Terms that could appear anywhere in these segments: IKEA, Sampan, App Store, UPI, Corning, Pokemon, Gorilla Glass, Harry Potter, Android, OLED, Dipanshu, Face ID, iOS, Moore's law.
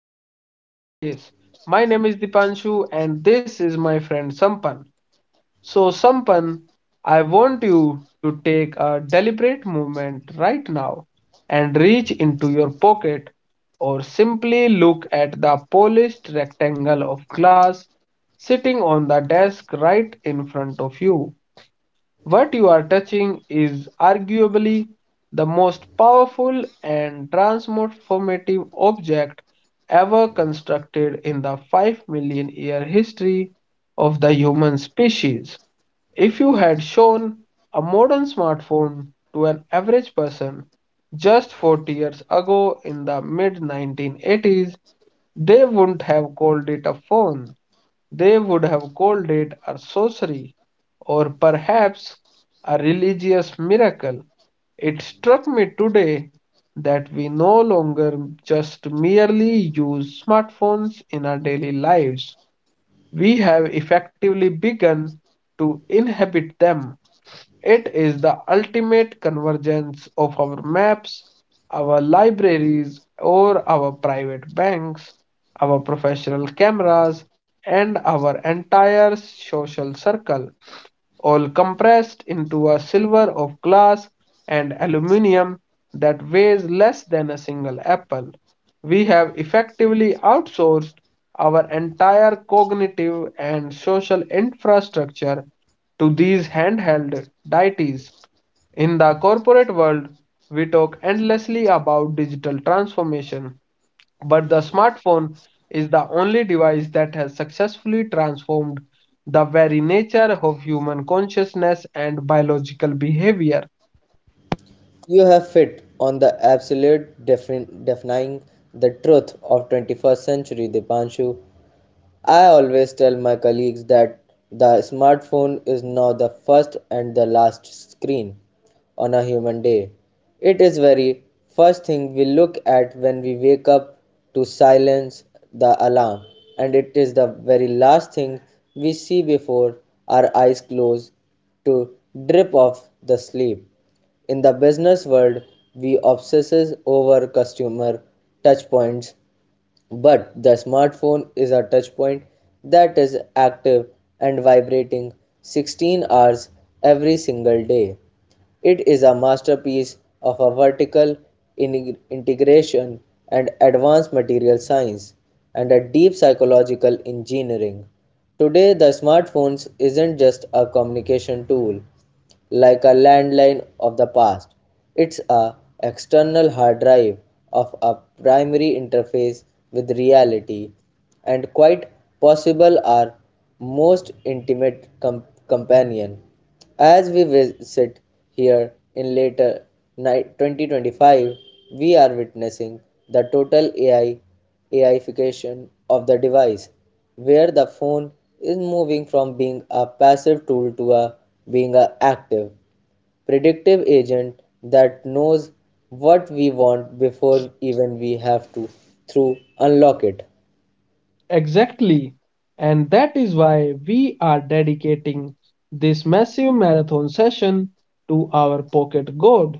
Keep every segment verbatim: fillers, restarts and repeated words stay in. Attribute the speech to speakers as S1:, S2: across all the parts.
S1: our podcast space. My name is Dipanshu, and this is my friend Sampan. So, Sampan, I want you to take a deliberate movement right now and reach into your pocket or simply look at the polished rectangle of glass sitting on the desk right in front of you. What you are touching is arguably the most powerful and transformative object ever constructed in the five million year history of the human species. If you had shown a modern smartphone to an average person just forty years ago in the mid nineteen eighties, they wouldn't have called it a phone. They would have called it a sorcery or perhaps a religious miracle. It struck me today that we no longer just merely use smartphones in our daily lives. We have effectively begun to inhabit them. It is the ultimate convergence of our maps, our libraries, or our private banks, our professional cameras, and our entire social circle all compressed into a silver of glass and aluminium that weighs less than a single apple. We have effectively outsourced our entire cognitive and social infrastructure to these handheld deities. In the corporate world, we talk endlessly about digital transformation, but the smartphone is the only device that has successfully transformed the very nature of human consciousness and biological behavior.
S2: You have hit on the absolute defin- defining the truth of twenty-first century Dipanshu. I always tell my colleagues that the smartphone is now the first and the last screen on a human day. It is very first thing we look at when we wake up to silence the alarm, and it is the very last thing we see before our eyes close to drip off the sleep. In the business world, we obsess over customer touchpoints, but the smartphone is a touchpoint that is active and vibrating sixteen hours every single day. It is a masterpiece of a vertical in- integration and advanced material science and a deep psychological engineering. Today, the smartphones isn't just a communication tool, like a landline of the past. It's a external hard drive of a primary interface with reality, and quite possible our most intimate com- companion. As we visit here in later night twenty twenty-five, we are witnessing the total A I AIification of the device, where the phone is moving from being a passive tool to a, being an active, predictive agent that knows what we want before even we have to through unlock it.
S1: Exactly. And that is why we are dedicating this massive marathon session to our pocket god.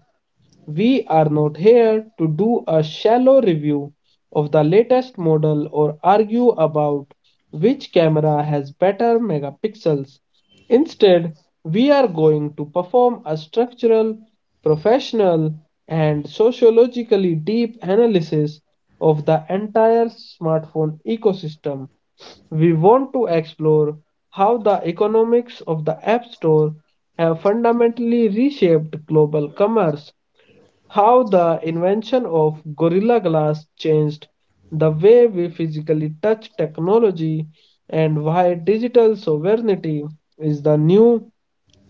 S1: We are not here to do a shallow review of the latest model or argue about which camera has better megapixels. Instead, we are going to perform a structural, professional, and sociologically deep analysis of the entire smartphone ecosystem. We want to explore how the economics of the App Store have fundamentally reshaped global commerce, how the invention of Gorilla Glass changed the way we physically touch technology, and why digital sovereignty is the new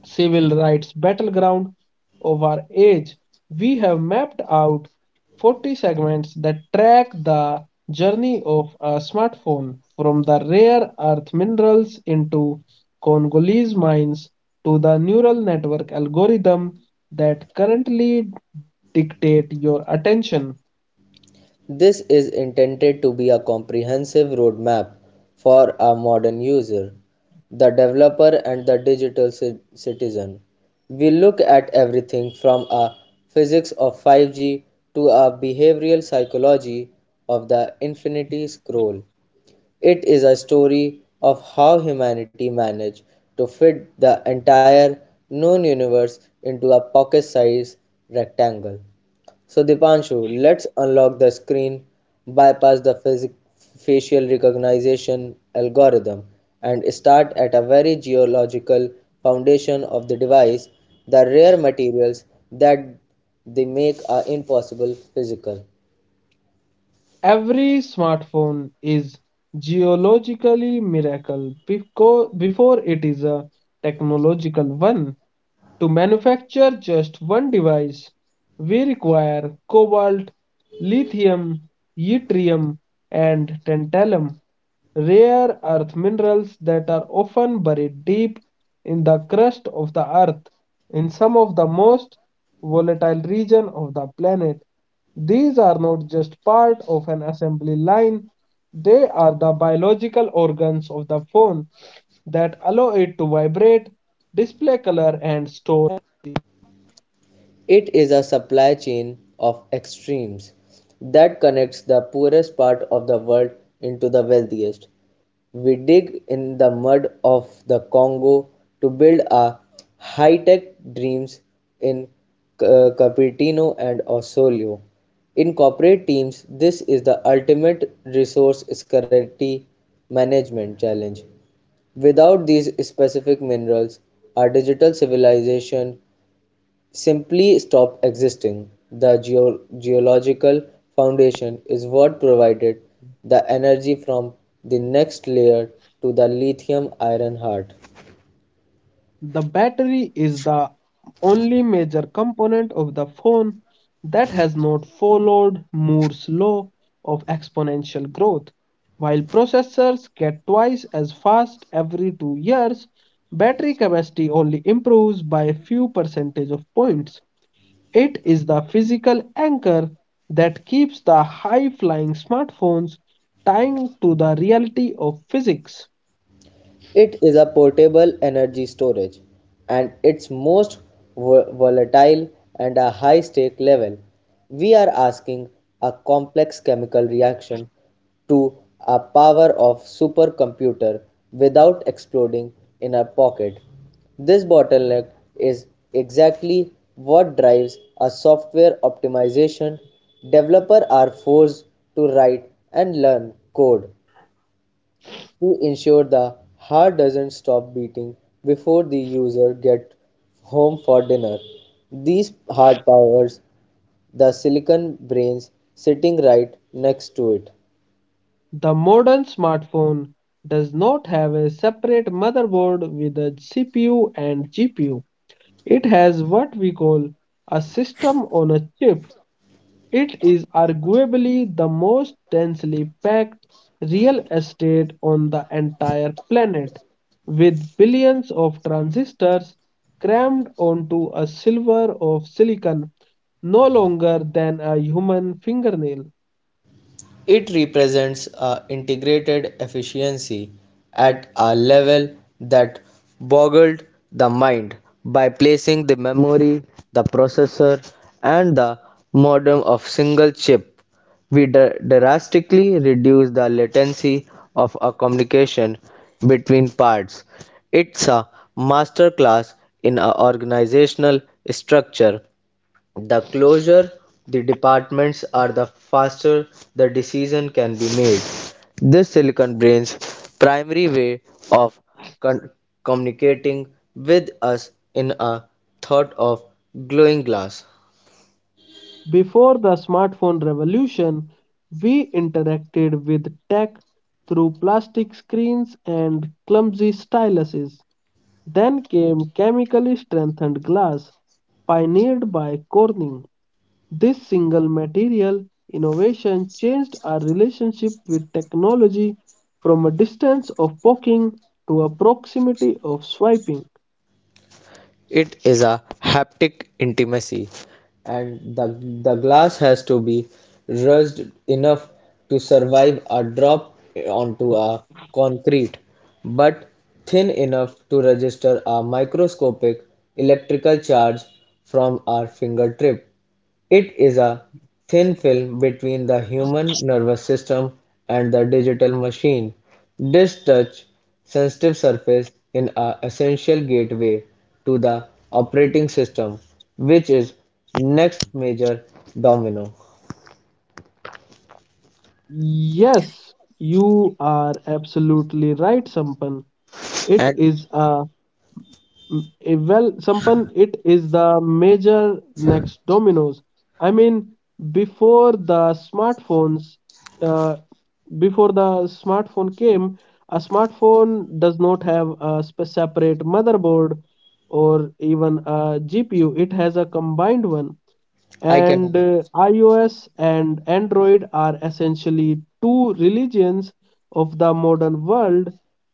S1: civil rights battleground of our age. We have mapped out forty segments that track the journey of a smartphone from the rare earth minerals into Congolese mines to the neural network algorithm that currently dictate your attention.
S2: This is intended to be a comprehensive roadmap for a modern user, the developer, and the digital citizen. We look at everything from a physics of five G to a behavioral psychology of the infinity scroll. It is a story of how humanity managed to fit the entire known universe into a pocket-sized rectangle. So, Dipanshu, let's unlock the screen, bypass the physic- facial recognition algorithm, and start at a very geological foundation of the device, the rare materials that they make are impossible physical.
S1: Every smartphone is geologically miracle before it is a technological one. To manufacture just one device, we require cobalt, lithium, yttrium, and tantalum, rare earth minerals that are often buried deep in the crust of the earth in some of the most volatile region of the planet. These are not just part of an assembly line, they are the biological organs of the phone that allow it to vibrate, display color, and store.
S2: It is a supply chain of extremes that connects the poorest part of the world into the wealthiest. We dig in the mud of the Congo to build our high-tech dreams in Ca- Cupertino and Osorio. In corporate teams, this is the ultimate resource scarcity management challenge. Without these specific minerals, our digital civilization simply stopped existing. The geo- geological foundation is what provided the energy from the next layer to the lithium iron heart.
S1: The battery is the only major component of the phone that has not followed Moore's law of exponential growth. While processors get twice as fast every two years, battery capacity only improves by a few percentage of points. It is the physical anchor that keeps the high-flying smartphones tied to the reality of physics.
S2: It is a portable energy storage and its most volatile and a high stake level. We are asking a complex chemical reaction to a power of supercomputer without exploding in our pocket. This bottleneck is exactly what drives a software optimization. Developers are forced to write and learn code to ensure the heart doesn't stop beating before the user gets home for dinner. These heart powers the silicon brains sitting right next to it.
S1: The modern smartphone does not have a separate motherboard with a C P U and G P U. It has what we call a system on a chip. It is arguably the most densely packed real estate on the entire planet, with billions of transistors crammed onto a silver of silicon no longer than a human fingernail.
S2: It represents a integrated efficiency at a level that boggled the mind by placing the memory, the processor, and the modem of single chip. We dr- drastically reduce the latency of a communication between parts. It's a masterclass in a organizational structure. The closer the departments are, the faster the decision can be made. This Silicon Brain's primary way of con- communicating with us in a thought of glowing glass.
S1: Before the smartphone revolution, we interacted with tech through plastic screens and clumsy styluses. Then came chemically strengthened glass, pioneered by Corning. This single material innovation changed our relationship with technology from a distance of poking to a proximity of swiping.
S2: It is a haptic intimacy, and the, the glass has to be rushed enough to survive a drop onto a concrete, but thin enough to register a microscopic electrical charge from our fingertip. It is a thin film between the human nervous system and the digital machine. This touch sensitive surface is an essential gateway to the operating system, which is next major domino.
S1: Yes, you are absolutely right, Sampan. It
S2: And
S1: is a Mm, eh, Well, Sampan, it is the major next dominoes. I mean, before the smartphones, uh, before the smartphone came, a smartphone does not have a sp separate motherboard or even a G P U. It has a combined one,
S2: I can
S1: and uh, iOS and Android are essentially two religions of the modern world.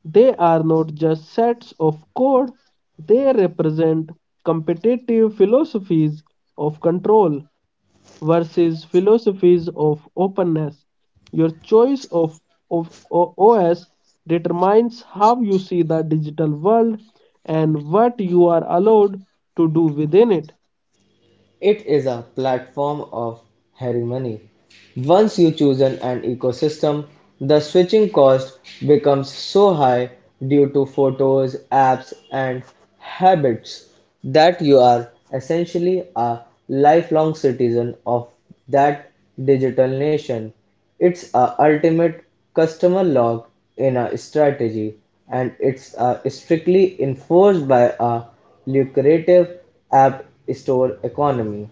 S1: They are not just sets of code, they represent competitive philosophies of control versus philosophies of openness. Your choice of, of O- OS determines how you see the digital world and what you are allowed to do within it.
S2: it is a platform of harmony. Once you choose an ecosystem, the switching cost becomes so high due to photos, apps, and habits that you are essentially a lifelong citizen of that digital nation. It's a ultimate customer log in a strategy, and it's uh, strictly enforced by a lucrative app store economy.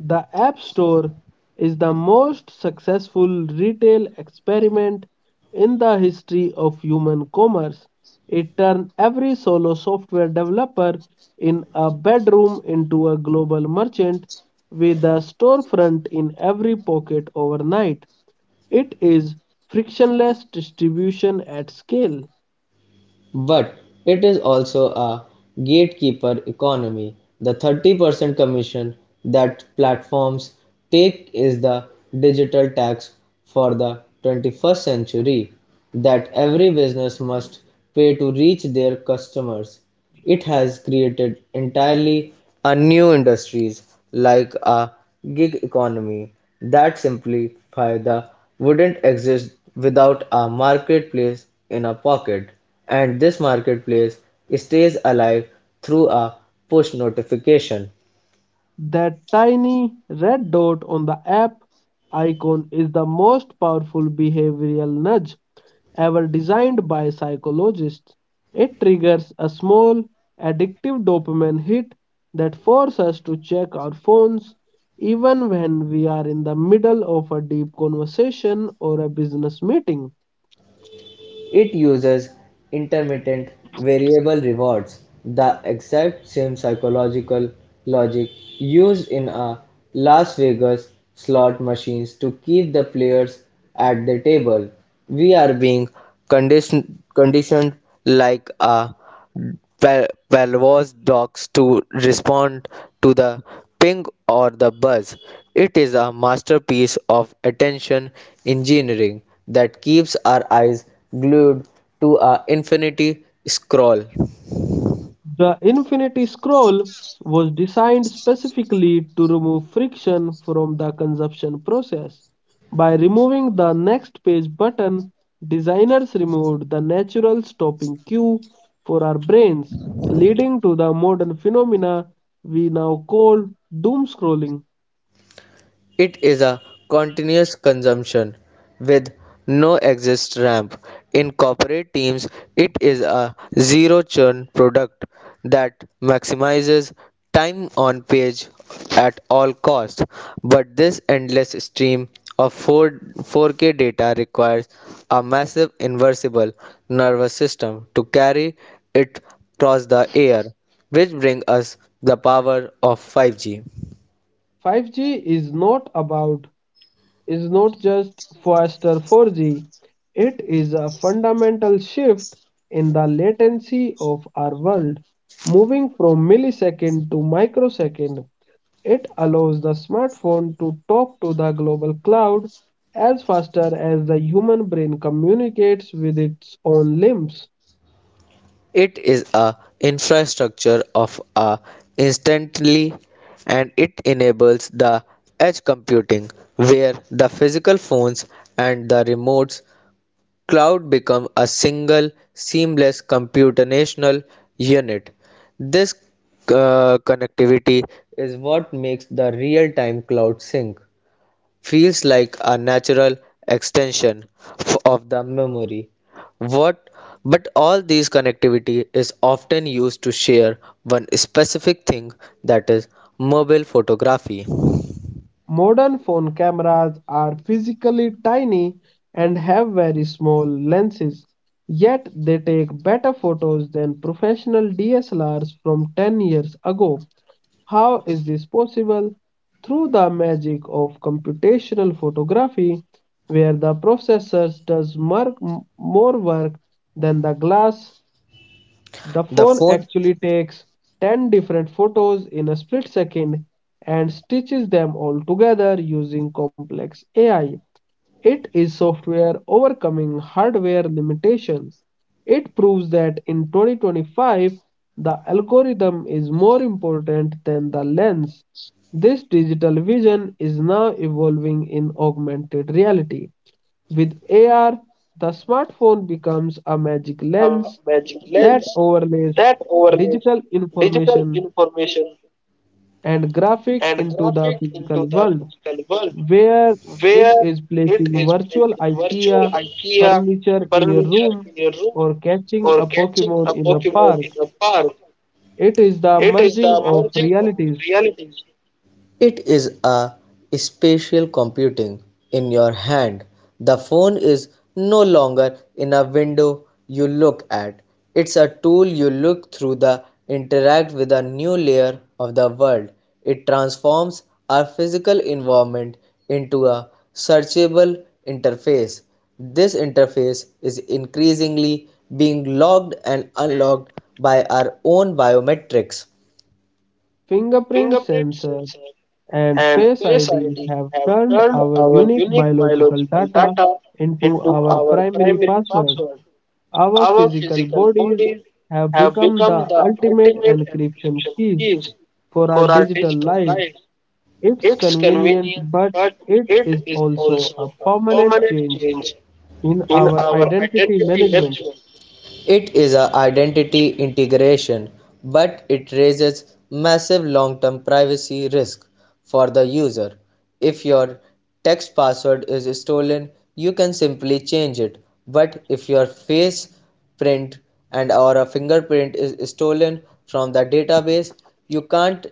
S1: The App Store is the most successful retail experiment in the history of human commerce. It turned every solo software developer in a bedroom into a global merchant with a storefront in every pocket overnight. It is frictionless distribution at scale.
S2: But it is also a gatekeeper economy. The thirty percent commission that platforms take is the digital tax for the twenty-first century that every business must pay to reach their customers. It has created entirely a new industries, like a gig economy that simply the wouldn't exist without a marketplace in a pocket. And this marketplace stays alive through a push notification.
S1: That tiny red dot on the app icon is the most powerful behavioral nudge ever designed by psychologists. It triggers a small addictive dopamine hit that forces us to check our phones even when we are in the middle of a deep conversation or a business meeting.
S2: It uses intermittent variable rewards, the exact same psychological logic used in a Las Vegas slot machines to keep the players at the table. We are being condition- conditioned like a Bell, dogs to respond to the ping or the buzz. It is a masterpiece of attention engineering that keeps our eyes glued to a infinity scroll.
S1: The Infinity Scroll was designed specifically to remove friction from the consumption process. By removing the next page button, designers removed the natural stopping cue for our brains, leading to the modern phenomena we now call doom scrolling.
S2: It is a continuous consumption with no exit ramp. In corporate teams, it is a zero churn product that maximizes time on page at all costs. But this endless stream of four four K data requires a massive inversible nervous system to carry it across the air, which brings us the power of five G.
S1: five G is not about is not just faster four G, it is a fundamental shift in the latency of our world, moving from millisecond to microsecond. It allows the smartphone to talk to the global cloud as faster as the human brain communicates with its own limbs.
S2: It is a infrastructure of a instantly, and it enables the edge computing where the physical phones and the remotes cloud become a single seamless computational unit. This uh, connectivity is what makes the real-time cloud sync feels like a natural extension f- of the memory. What But all these connectivity is often used to share one specific thing, that is mobile photography.
S1: Modern phone cameras are physically tiny and have very small lenses, yet they take better photos than professional D S L Rs from ten years ago. How is this possible? Through the magic of computational photography, where the processors does mar- m- more work than the glass. The
S2: The
S1: phone
S2: phone
S1: actually takes ten different photos in a split second and stitches them all together using complex A I. It is software overcoming hardware limitation. It proves that in twenty twenty-five, the algorithm is more important than the lens. This digital vision is now evolving in augmented reality. With A R, the smartphone becomes a magic
S2: a
S1: lens
S2: magic
S1: that
S2: lens
S1: overlays
S2: that overlays
S1: digital
S2: digital
S1: information
S2: information
S1: and graphic
S2: and
S1: into
S2: grab
S1: the
S2: it
S1: physical
S2: into the
S1: world,
S2: physical world,
S1: where it
S2: where
S1: is placing
S2: it is placed
S1: virtual
S2: in virtual
S1: IKEA
S2: IKEA
S1: furniture in your
S2: furniture
S1: room
S2: in your room
S1: or catching
S2: or
S1: a
S2: catching
S1: Pokemon
S2: a
S1: in a
S2: Pokemon
S1: park.
S2: in a park.
S1: It is the
S2: It is
S1: merging
S2: the
S1: of
S2: merging of
S1: realities.
S2: realities. It is a spatial computing in your hand. The phone is no longer in a window you look at. It's a tool you look through that interact with a new layer of the world. It transforms our physical environment into a searchable interface. This interface is increasingly being logged and unlocked by our own biometrics.
S1: Fingerprint
S2: Fingerprint
S1: sensor
S2: sensor,
S1: and
S2: and
S1: Face
S2: Face
S1: I D
S2: I D
S1: have
S2: have
S1: turned
S2: turned
S1: our
S2: our
S1: unique
S2: unique
S1: biological
S2: biological
S1: data
S2: data
S1: into
S2: into
S1: our
S2: our
S1: primary
S2: primary
S1: password.
S2: password.
S1: Our
S2: Our
S1: physical
S2: physical
S1: bodies
S2: bodies
S1: have
S2: have
S1: become
S2: become
S1: the
S2: the
S1: ultimate
S2: ultimate
S1: encryption
S2: encryption
S1: keys
S2: keys
S1: for our
S2: for our
S1: digital
S2: digital
S1: lives.
S2: life.
S1: It's
S2: It's
S1: convenient,
S2: convenient,
S1: but
S2: but
S1: it
S2: it
S1: is
S2: is also
S1: also a
S2: a
S1: permanent
S2: permanent
S1: change
S2: change
S1: in
S2: in
S1: our
S2: our
S1: identity
S2: identity
S1: management.
S2: management. It is an identity integration, but it raises massive long-term privacy risk for the user. If your text password is stolen, you can simply change it. But if your face print and or a fingerprint is stolen from the database, you can't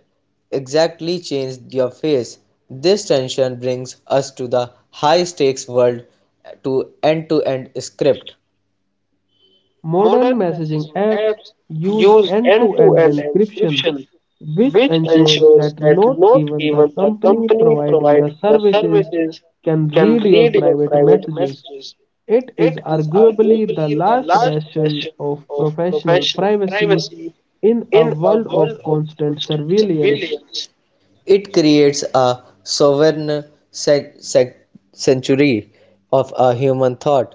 S2: exactly change your face. This tension brings us to the high stakes world to end to end script.
S1: Modern
S2: Modern
S1: messaging
S2: messaging
S1: apps
S2: apps
S1: use
S2: use
S1: end-to-end
S2: end-to-end
S1: encryption,
S2: encryption,
S1: which
S2: which
S1: ensures
S2: ensures
S1: that
S2: that
S1: not
S2: not
S1: even the
S2: even the
S1: company
S2: company
S1: providing the
S2: providing the
S1: services
S2: services
S1: can
S2: can
S1: read your
S2: read your
S1: private
S2: private
S1: messages.
S2: messages.
S1: It is
S2: It is
S1: arguably the
S2: arguably the
S1: last
S2: last
S1: bastion
S2: bastion
S1: of
S2: of
S1: professional
S2: professional
S1: privacy
S2: privacy
S1: in a
S2: in a
S1: world of
S2: world of
S1: constant
S2: constant
S1: surveillance.
S2: surveillance. It creates a sovereign sanctuary of a human thought.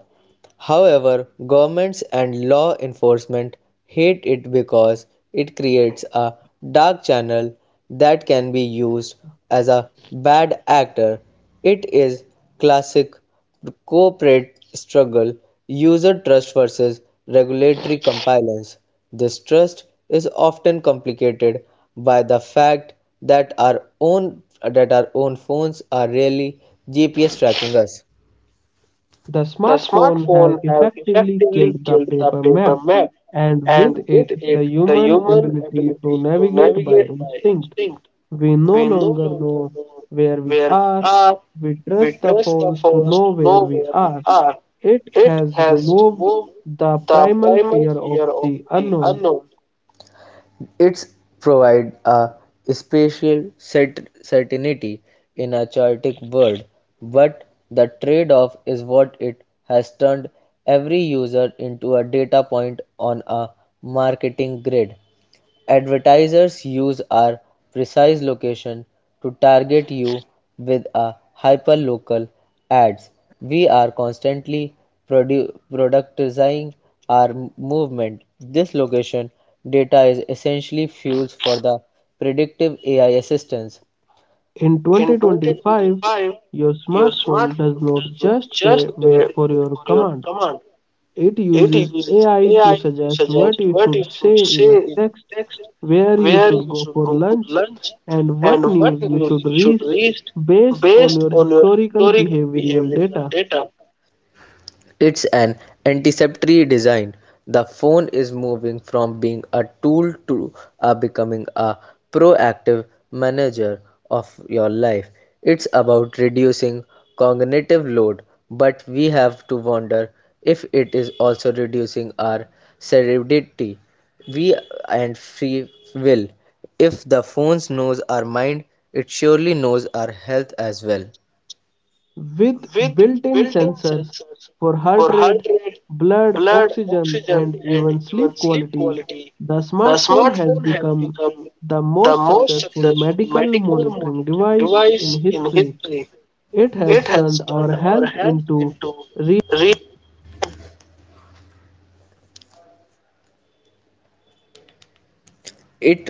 S2: However, governments and law enforcement hate it because it creates a dark channel that can be used as a bad actor. It is classic the corporate struggle, user trust versus regulatory compliance. This trust is often complicated by the fact that our own that our own phones are really G P S tracking us.
S1: The
S2: The
S1: smartphone
S2: smartphone
S1: have
S2: has
S1: effectively
S2: effectively
S1: killed the
S2: killed the
S1: paper
S2: paper
S1: map
S2: map,
S1: and with
S2: and with
S1: it
S2: it,
S1: the
S2: the
S1: human
S2: human
S1: ability to
S2: ability to
S1: navigate
S2: navigate
S1: by
S2: by
S1: instinct.
S2: instinct.
S1: We no
S2: We no
S1: longer
S2: longer
S1: know
S2: know
S1: where we
S2: where we
S1: are.
S2: are,
S1: We
S2: we
S1: trust the
S2: trust the
S1: phones to
S2: phones
S1: know
S2: to
S1: where
S2: know
S1: we
S2: where we
S1: are.
S2: are.
S1: It
S2: It
S1: has
S2: has
S1: removed
S2: removed
S1: the
S2: the
S1: primal
S2: primal
S1: fear of
S2: fear of
S1: the
S2: the
S1: unknown.
S2: unknown. It's provide a spatial cert- certainty in a chaotic world, but the trade-off is what it has turned every user into a data point on a marketing grid. Advertisers use our precise location to target you with a hyperlocal ads. We are constantly produ- productizing our movement. This location data is essentially fuels for the predictive A I assistance.
S1: In
S2: In
S1: twenty twenty-five,
S2: twenty twenty-five,
S1: your
S2: your
S1: smartphone does
S2: smartphone
S1: not
S2: does not
S1: just
S2: just
S1: fa-
S2: pay
S1: wait for your
S2: for your
S1: command,
S2: command,
S1: it
S2: it
S1: uses
S2: uses
S1: A I to
S2: A I to
S1: suggest
S2: suggest
S1: what you
S2: what
S1: should
S2: you should
S1: say
S2: say
S1: in a
S2: in
S1: text,
S2: a text,
S1: where you
S2: where
S1: should
S2: you
S1: go
S2: should
S1: for
S2: go for
S1: lunch,
S2: lunch,
S1: and what
S2: and what
S1: news you
S2: news
S1: should
S2: you should
S1: read
S2: read
S1: based on
S2: based
S1: your
S2: on your
S1: historical
S2: historical
S1: behavioral
S2: behavioral
S1: data.
S2: data. It's an anticipatory design. The phone is moving from being a tool to uh, becoming a proactive manager of your life. It's about reducing cognitive load, but we have to wonder if it is also reducing our cerebidity, we and free will. If the phone knows our mind, it surely knows our health as well
S1: With
S2: with
S1: built-in
S2: built-in
S1: sensors
S2: sensors
S1: for
S2: for
S1: heart rate,
S2: heart rate,
S1: blood
S2: blood
S1: oxygen, and
S2: oxygen, and
S1: even
S2: even
S1: sleep
S2: sleep
S1: quality,
S2: quality.
S1: the
S2: The
S1: smartphone has
S2: smartphone has
S1: become
S2: become
S1: the
S2: the
S1: most
S2: most
S1: successful
S2: successful
S1: medical
S2: medical
S1: monitoring
S2: monitoring
S1: device in
S2: device in
S1: history.
S2: history.
S1: It
S2: It
S1: has
S2: has
S1: turned our
S2: turned our
S1: health
S2: health
S1: into
S2: into
S1: real
S2: real. It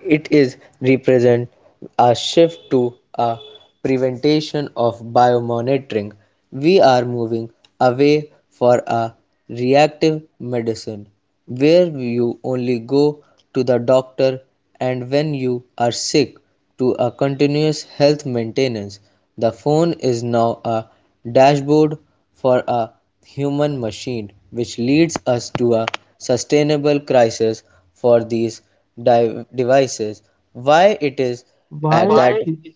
S2: It is represent a shift to a prevention of biomonitoring. We are moving away for a reactive medicine where you only go to the doctor and when you are sick to a continuous health maintenance. The phone is now a dashboard for a human machine, which leads us to a sustainable crisis for these di- devices. Why it is at
S1: why.
S2: Why that Why?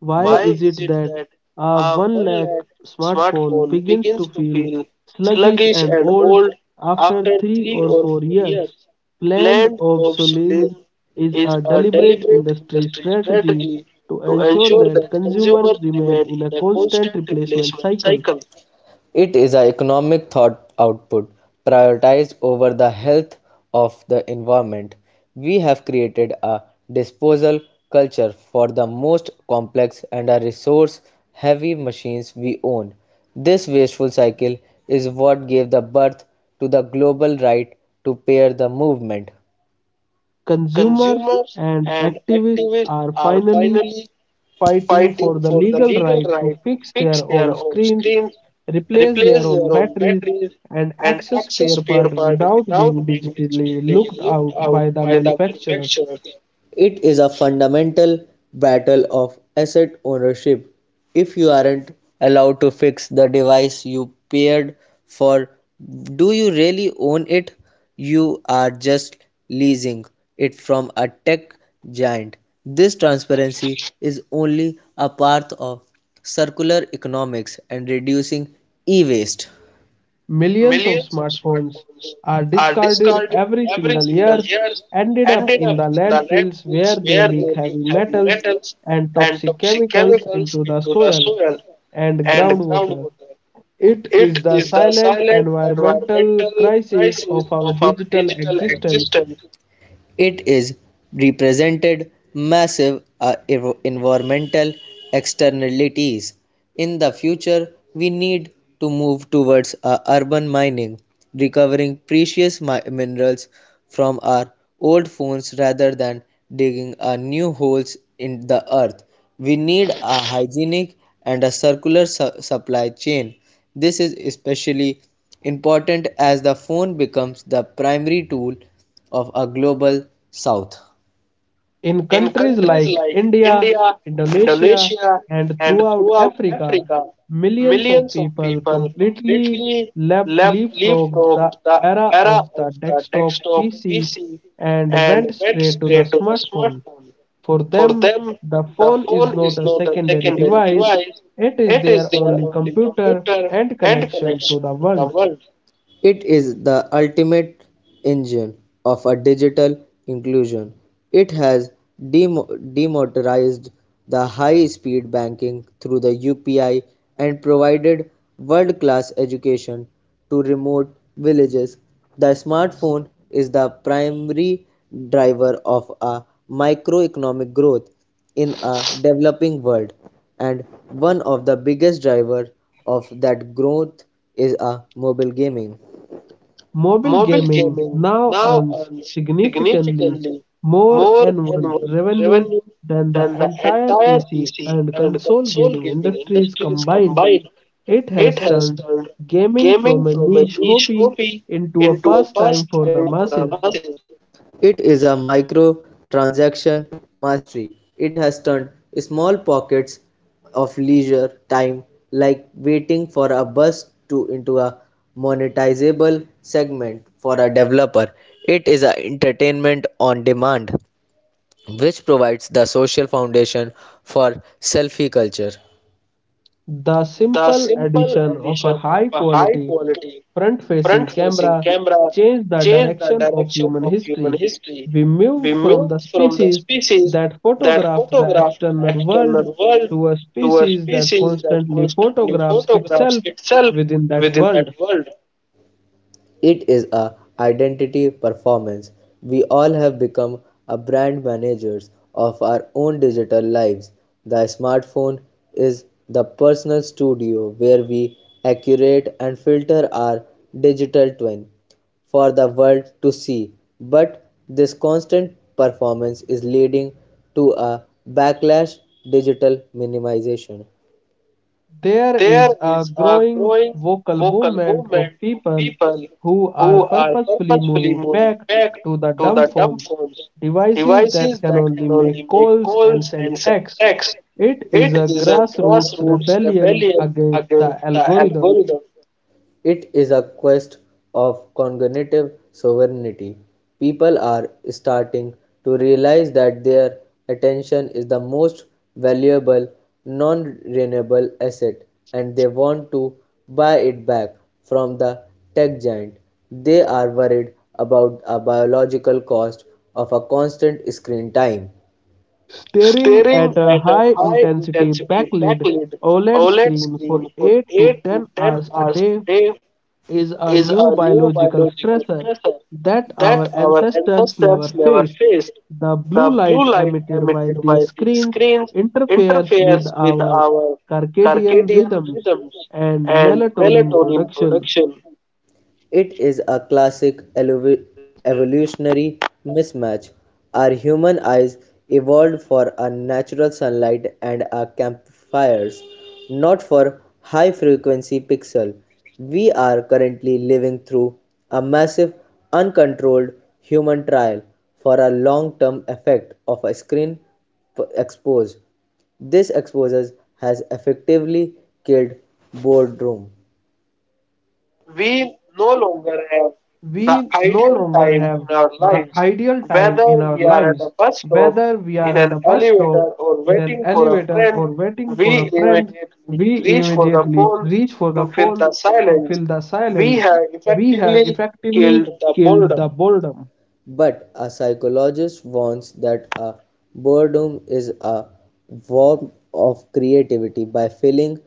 S1: Why
S2: Why
S1: is
S2: is
S1: it
S2: it
S1: that
S2: that
S1: a
S2: our
S1: one lakh
S2: one-legged
S1: smartphone
S2: smartphone
S1: begins to
S2: begins to
S1: feel
S2: feel
S1: sluggish
S2: sluggish
S1: and
S2: and
S1: old
S2: old
S1: after
S2: after
S1: three
S2: three
S1: or
S2: or
S1: four
S2: four
S1: years?
S2: years?
S1: Planned
S2: Planned
S1: obsolescence
S2: obsolescence
S1: is
S2: is
S1: a
S2: a
S1: deliberate
S2: deliberate
S1: industry
S2: industry
S1: strategy
S2: strategy
S1: to
S2: to
S1: ensure
S2: ensure that
S1: that
S2: consumers
S1: consumers
S2: remain
S1: remain
S2: in
S1: in
S2: a
S1: a
S2: constant
S1: constant
S2: replacement
S1: replacement
S2: cycle.
S1: cycle.
S2: It is an economic thought output prioritized over the health of the environment. We have created a disposal culture for the most complex and a resource heavy machines we own. This wasteful cycle is what gave the birth to the global right to pair the movement.
S1: Consumers
S2: Consumers
S1: and
S2: and
S1: activists
S2: activists
S1: are
S2: are
S1: finally
S2: finally
S1: fighting
S2: fighting
S1: for the
S2: for the
S1: legal
S2: legal
S1: right to
S2: right to
S1: fix
S2: fix
S1: their
S2: their
S1: own
S2: own
S1: screens,
S2: screens,
S1: replace their
S2: replace
S1: own
S2: their own
S1: batteries,
S2: batteries,
S1: and
S2: and
S1: access
S2: access
S1: spare
S2: spare
S1: parts
S2: parts
S1: without
S2: without
S1: being
S2: being
S1: digitally
S2: digitally
S1: looked out
S2: looked
S1: by
S2: out
S1: the
S2: by the
S1: manufacturers.
S2: manufacturer. It is a fundamental battle of asset ownership. If you aren't allowed to fix the device you paid for, do you really own it? You are just leasing it from a tech giant. This transparency is only a part of circular economics and reducing e waste.
S1: Millions of
S2: Millions of
S1: smartphones
S2: smartphones
S1: are
S2: are
S1: discarded
S2: discarded
S1: every
S2: every
S1: single
S2: single
S1: year,
S2: year,
S1: ended up
S2: ended
S1: in
S2: up
S1: the
S2: in the
S1: landfills
S2: landfills
S1: where they
S2: where they
S1: leak
S2: leak
S1: heavy
S2: heavy
S1: metals
S2: metals
S1: and
S2: and
S1: toxic
S2: toxic
S1: chemicals
S2: chemicals
S1: into the
S2: into the
S1: soil
S2: soil
S1: and
S2: and
S1: groundwater.
S2: groundwater.
S1: It is
S2: It
S1: the
S2: is the
S1: silent
S2: silent
S1: environmental
S2: environmental
S1: crisis
S2: crisis
S1: of our
S2: of our
S1: digital
S2: digital
S1: existence.
S2: existence. It is represented massive uh, environmental externalities. In the future, we need to move towards uh, urban mining, recovering precious mi- minerals from our old phones rather than digging uh, new holes in the earth. We need a hygienic and a circular su- supply chain. This is especially important as the phone becomes the primary tool of a global south.
S1: In
S2: In
S1: countries
S2: countries
S1: like
S2: like
S1: India,
S2: India,
S1: Indonesia,
S2: Indonesia,
S1: and
S2: and
S1: throughout
S2: throughout
S1: Africa,
S2: Africa,
S1: millions of
S2: millions of
S1: people
S2: people
S1: completely
S2: completely
S1: lep-
S2: left,
S1: leapfrogged
S2: leapfrogged
S1: the
S2: the
S1: era
S2: era
S1: of the
S2: of the
S1: desktop
S2: desktop
S1: P C
S2: P C
S1: and
S2: and
S1: went
S2: went
S1: straight to the
S2: straight to the
S1: smartphone.
S2: smartphone.
S1: For
S2: For
S1: them,
S2: them,
S1: the
S2: the
S1: phone is
S2: phone
S1: not
S2: is
S1: a
S2: not a
S1: secondary
S2: secondary
S1: device,
S2: device,
S1: it is
S2: it is
S1: their
S2: their
S1: only
S2: only
S1: computer
S2: computer
S1: and
S2: and
S1: connection
S2: connection
S1: to the
S2: to the
S1: world.
S2: world. It is the ultimate engine of a digital inclusion. It has demo- democratized the high-speed banking through the U P I and provided world-class education to remote villages. The smartphone is the primary driver of a microeconomic growth in a developing world, and one of the biggest driver of that growth is a mobile gaming.
S1: Mobile
S2: Mobile
S1: gaming
S2: gaming
S1: now
S2: now
S1: earns
S2: earns
S1: significantly
S2: significantly
S1: more
S2: more
S1: annual
S2: annual
S1: revenue
S2: revenue
S1: than the
S2: than the
S1: entire
S2: entire
S1: P C
S2: P C
S1: and
S2: and
S1: console
S2: console
S1: gaming
S2: gaming
S1: industries
S2: industries
S1: combined.
S2: combined.
S1: It
S2: It
S1: has
S2: has
S1: turned
S2: turned
S1: gaming
S2: gaming
S1: from a
S2: from a
S1: niche
S2: niche
S1: hobby
S2: hobby
S1: into a
S2: into a
S1: pastime for
S2: pastime
S1: the
S2: for the
S1: masses.
S2: masses. It is a micro transaction mastery. It has turned small pockets of leisure time, like waiting for a bus, to into a monetizable segment for a developer. It is a entertainment on demand, which provides the social foundation for selfie culture.
S1: The
S2: The
S1: simple
S2: simple
S1: addition of a
S2: addition of a high
S1: high-quality
S2: quality front
S1: front-facing
S2: facing
S1: camera
S2: camera
S1: changed the
S2: changed the
S1: direction of
S2: direction
S1: human
S2: of human
S1: history.
S2: history.
S1: We moved
S2: We
S1: from the
S2: moved from the
S1: species
S2: species
S1: that
S2: that
S1: photographed the
S2: photographed the
S1: external world
S2: external world
S1: to a
S2: to a
S1: species that
S2: species that
S1: constantly
S2: constantly
S1: photographs
S2: photographs
S1: itself
S2: itself
S1: within that
S2: within that
S1: world.
S2: world. It is a identity performance. We all have become a brand managers of our own digital lives. The smartphone is the personal studio where we accurate and filter our digital twin for the world to see. But this constant performance is leading to a backlash digital minimization.
S1: There
S2: There
S1: is a
S2: is a
S1: growing
S2: growing
S1: vocal
S2: vocal
S1: movement of
S2: movement of
S1: people
S2: people
S1: who are
S2: who are
S1: purposefully
S2: purposefully
S1: moving
S2: moving
S1: back
S2: back
S1: to the
S2: to
S1: dumb
S2: the dumb
S1: forms,
S2: phones,
S1: devices that
S2: devices
S1: can
S2: that
S1: only
S2: can
S1: make
S2: only make
S1: calls and
S2: calls and
S1: send
S2: send
S1: text.
S2: texts.
S1: It is
S2: It
S1: a
S2: is a
S1: grassroots
S2: grassroots
S1: rebellion
S2: rebellion
S1: against
S2: against
S1: the
S2: the
S1: algorithm.
S2: algorithm. It is a quest of cognitive sovereignty. People are starting to realize that their attention is the most valuable, non renewable asset and they want to buy it back from the tech giant. They are worried about a biological cost of a constant screen time.
S1: Staring
S2: Staring
S1: at a
S2: at a
S1: high
S2: high
S1: intensity
S2: intensity
S1: backlit
S2: backlit
S1: O L E D
S2: O L E D
S1: screen
S2: screen
S1: for
S2: for
S1: eight to
S2: eight to
S1: ten
S2: ten
S1: hours a
S2: hours a
S1: day
S2: day
S1: is a
S2: is a
S1: new
S2: new
S1: biological
S2: biological
S1: stressor
S2: stressor
S1: that
S2: that
S1: our
S2: our
S1: ancestors never
S2: ancestors never
S1: faced.
S2: faced.
S1: The
S2: The
S1: blue
S2: blue
S1: light
S2: light
S1: emitted by
S2: emitted by
S1: these
S2: these
S1: screens
S2: screens
S1: interferes with
S2: interferes with
S1: our
S2: our
S1: circadian
S2: circadian
S1: rhythms
S2: rhythms
S1: and
S2: and
S1: melatonin
S2: melatonin
S1: production.
S2: production. It is a classic evoluv- evolutionary mismatch. Our human eyes evolved for a natural sunlight and our campfires, not for high frequency pixel. We are currently living through a massive, uncontrolled human trial for a long term effect of a screen p- expose. This exposure has effectively killed boredom.
S1: We
S2: We
S1: no
S2: no
S1: longer have
S2: longer have
S1: the
S2: the
S1: ideal
S2: ideal
S1: time in
S2: time
S1: our
S2: in our
S1: lives,
S2: lives,
S1: whether we
S2: whether
S1: are
S2: we
S1: at a
S2: are at
S1: bus
S2: a bus
S1: stop,
S2: stop,
S1: in an
S2: in an
S1: elevator, or
S2: elevator, or
S1: waiting for
S2: waiting
S1: a
S2: for a
S1: friend,
S2: friend.
S1: we
S2: We
S1: immediately
S2: immediately
S1: reach for
S2: reach
S1: the
S2: for the
S1: phone
S2: phone
S1: to fill
S2: to
S1: the
S2: fill the
S1: silence.
S2: silence.
S1: We
S2: We
S1: have
S2: have
S1: effectively
S2: effectively
S1: killed
S2: killed
S1: the
S2: the
S1: boredom.
S2: boredom. But a psychologist warns that a boredom is a form of creativity by filling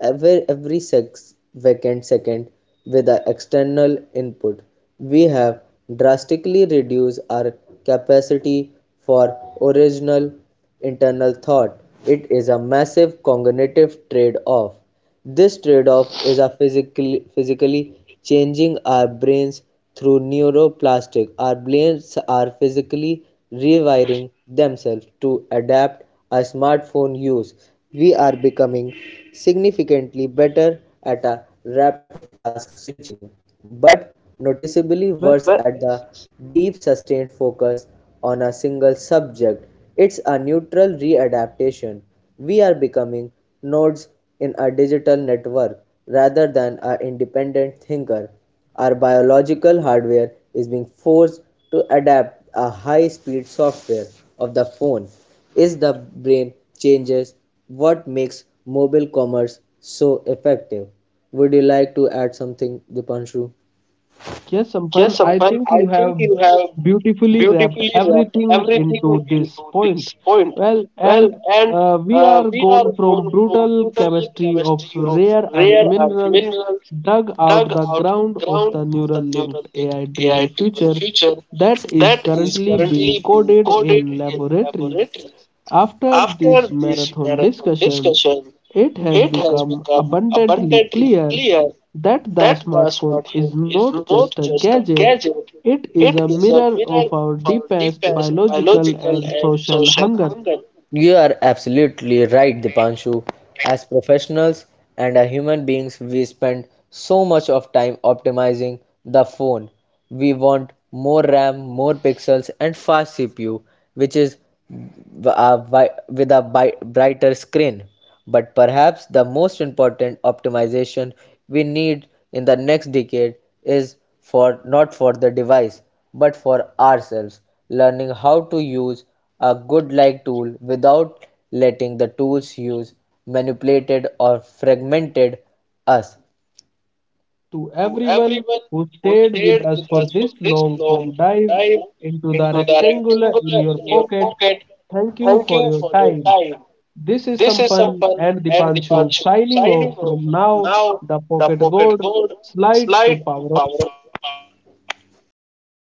S2: every, every sex, vacant second with an external input. We have drastically reduced our capacity for original internal thought. It is a massive cognitive trade-off. This trade-off is a physically, physically changing our brains through neuroplastic. Our brains are physically rewiring themselves to adapt our smartphone use. We are becoming significantly better at a rapid task switching, but
S1: Well,
S2: noticeably worse But at the deep sustained focus on a single subject. It's a neutral readaptation. We are becoming nodes in a digital network rather than an independent thinker. Our biological hardware is being forced to adapt a high speed software of the phone. Is the brain changes what makes mobile commerce so effective? Would you like to add something, Dipanshu?
S1: yes, Sampan,
S2: Yes,
S1: I
S2: Sampan,
S1: think you
S2: I think
S1: have
S2: you have
S1: beautifully wrapped
S2: beautifully wrapped
S1: everything
S2: everything
S1: into this
S2: into
S1: point.
S2: this point.
S1: Well,
S2: Well,
S1: and
S2: and
S1: uh, we
S2: uh,
S1: are
S2: we
S1: gone
S2: are
S1: from
S2: gone from
S1: brutal
S2: brutal
S1: chemistry of
S2: chemistry of
S1: rare earth
S2: rare earth
S1: minerals
S2: minerals
S1: dug
S2: dug
S1: out the
S2: out
S1: ground
S2: the
S1: of
S2: ground
S1: the
S2: of
S1: neural
S2: the neural
S1: linked
S2: linked
S1: A I driven
S2: A I driven
S1: future
S2: future
S1: that is
S2: that is
S1: currently being
S2: currently being
S1: coded
S2: coded
S1: in
S2: in
S1: laboratories.
S2: laboratories.
S1: After
S2: After
S1: this
S2: this
S1: marathon
S2: marathon
S1: discussion,
S2: discussion,
S1: it has
S2: it has
S1: become
S2: become
S1: abundantly
S2: abundantly
S1: clear
S2: clear
S1: that the
S2: that the
S1: smartphone
S2: smartphone
S1: is
S2: is
S1: not
S2: not
S1: just a
S2: just a
S1: gadget,
S2: gadget,
S1: it is
S2: it
S1: a
S2: is a
S1: mirror
S2: mirror
S1: of our
S2: of our
S1: deepest
S2: deepest
S1: biological
S2: biological
S1: and
S2: and
S1: social
S2: social
S1: hunger.
S2: hunger. You are absolutely right, Dipanshu. As professionals and as human beings, we spend so much of time optimizing the phone. We want more RAM, more pixels, and fast C P U, which is uh, with a brighter screen. But perhaps the most important optimization we need in the next decade is for not for the device but for ourselves, learning how to use a good like tool without letting the tools use manipulated or fragmented us.
S1: To
S2: To
S1: everyone
S2: everyone
S1: who
S2: who
S1: stayed with
S2: stayed
S1: us
S2: with
S1: for
S2: us for
S1: this
S2: this
S1: long
S2: long
S1: form dive
S2: dive
S1: into the
S2: into the
S1: rectangular in
S2: rectangular
S1: your
S2: in your
S1: pocket,
S2: pocket,
S1: thank you
S2: thank you
S1: for your
S2: for your
S1: time.
S2: time.
S1: This is
S2: This is
S1: Sampan
S2: Sampan
S1: and
S2: and
S1: Dipanshu
S2: Divanshu
S1: signing
S2: signing
S1: off
S2: off.
S1: from now
S2: Now,
S1: the
S2: the
S1: pocket
S2: pocket
S1: gold
S2: gold
S1: slide to
S2: slide to
S1: power.
S2: power.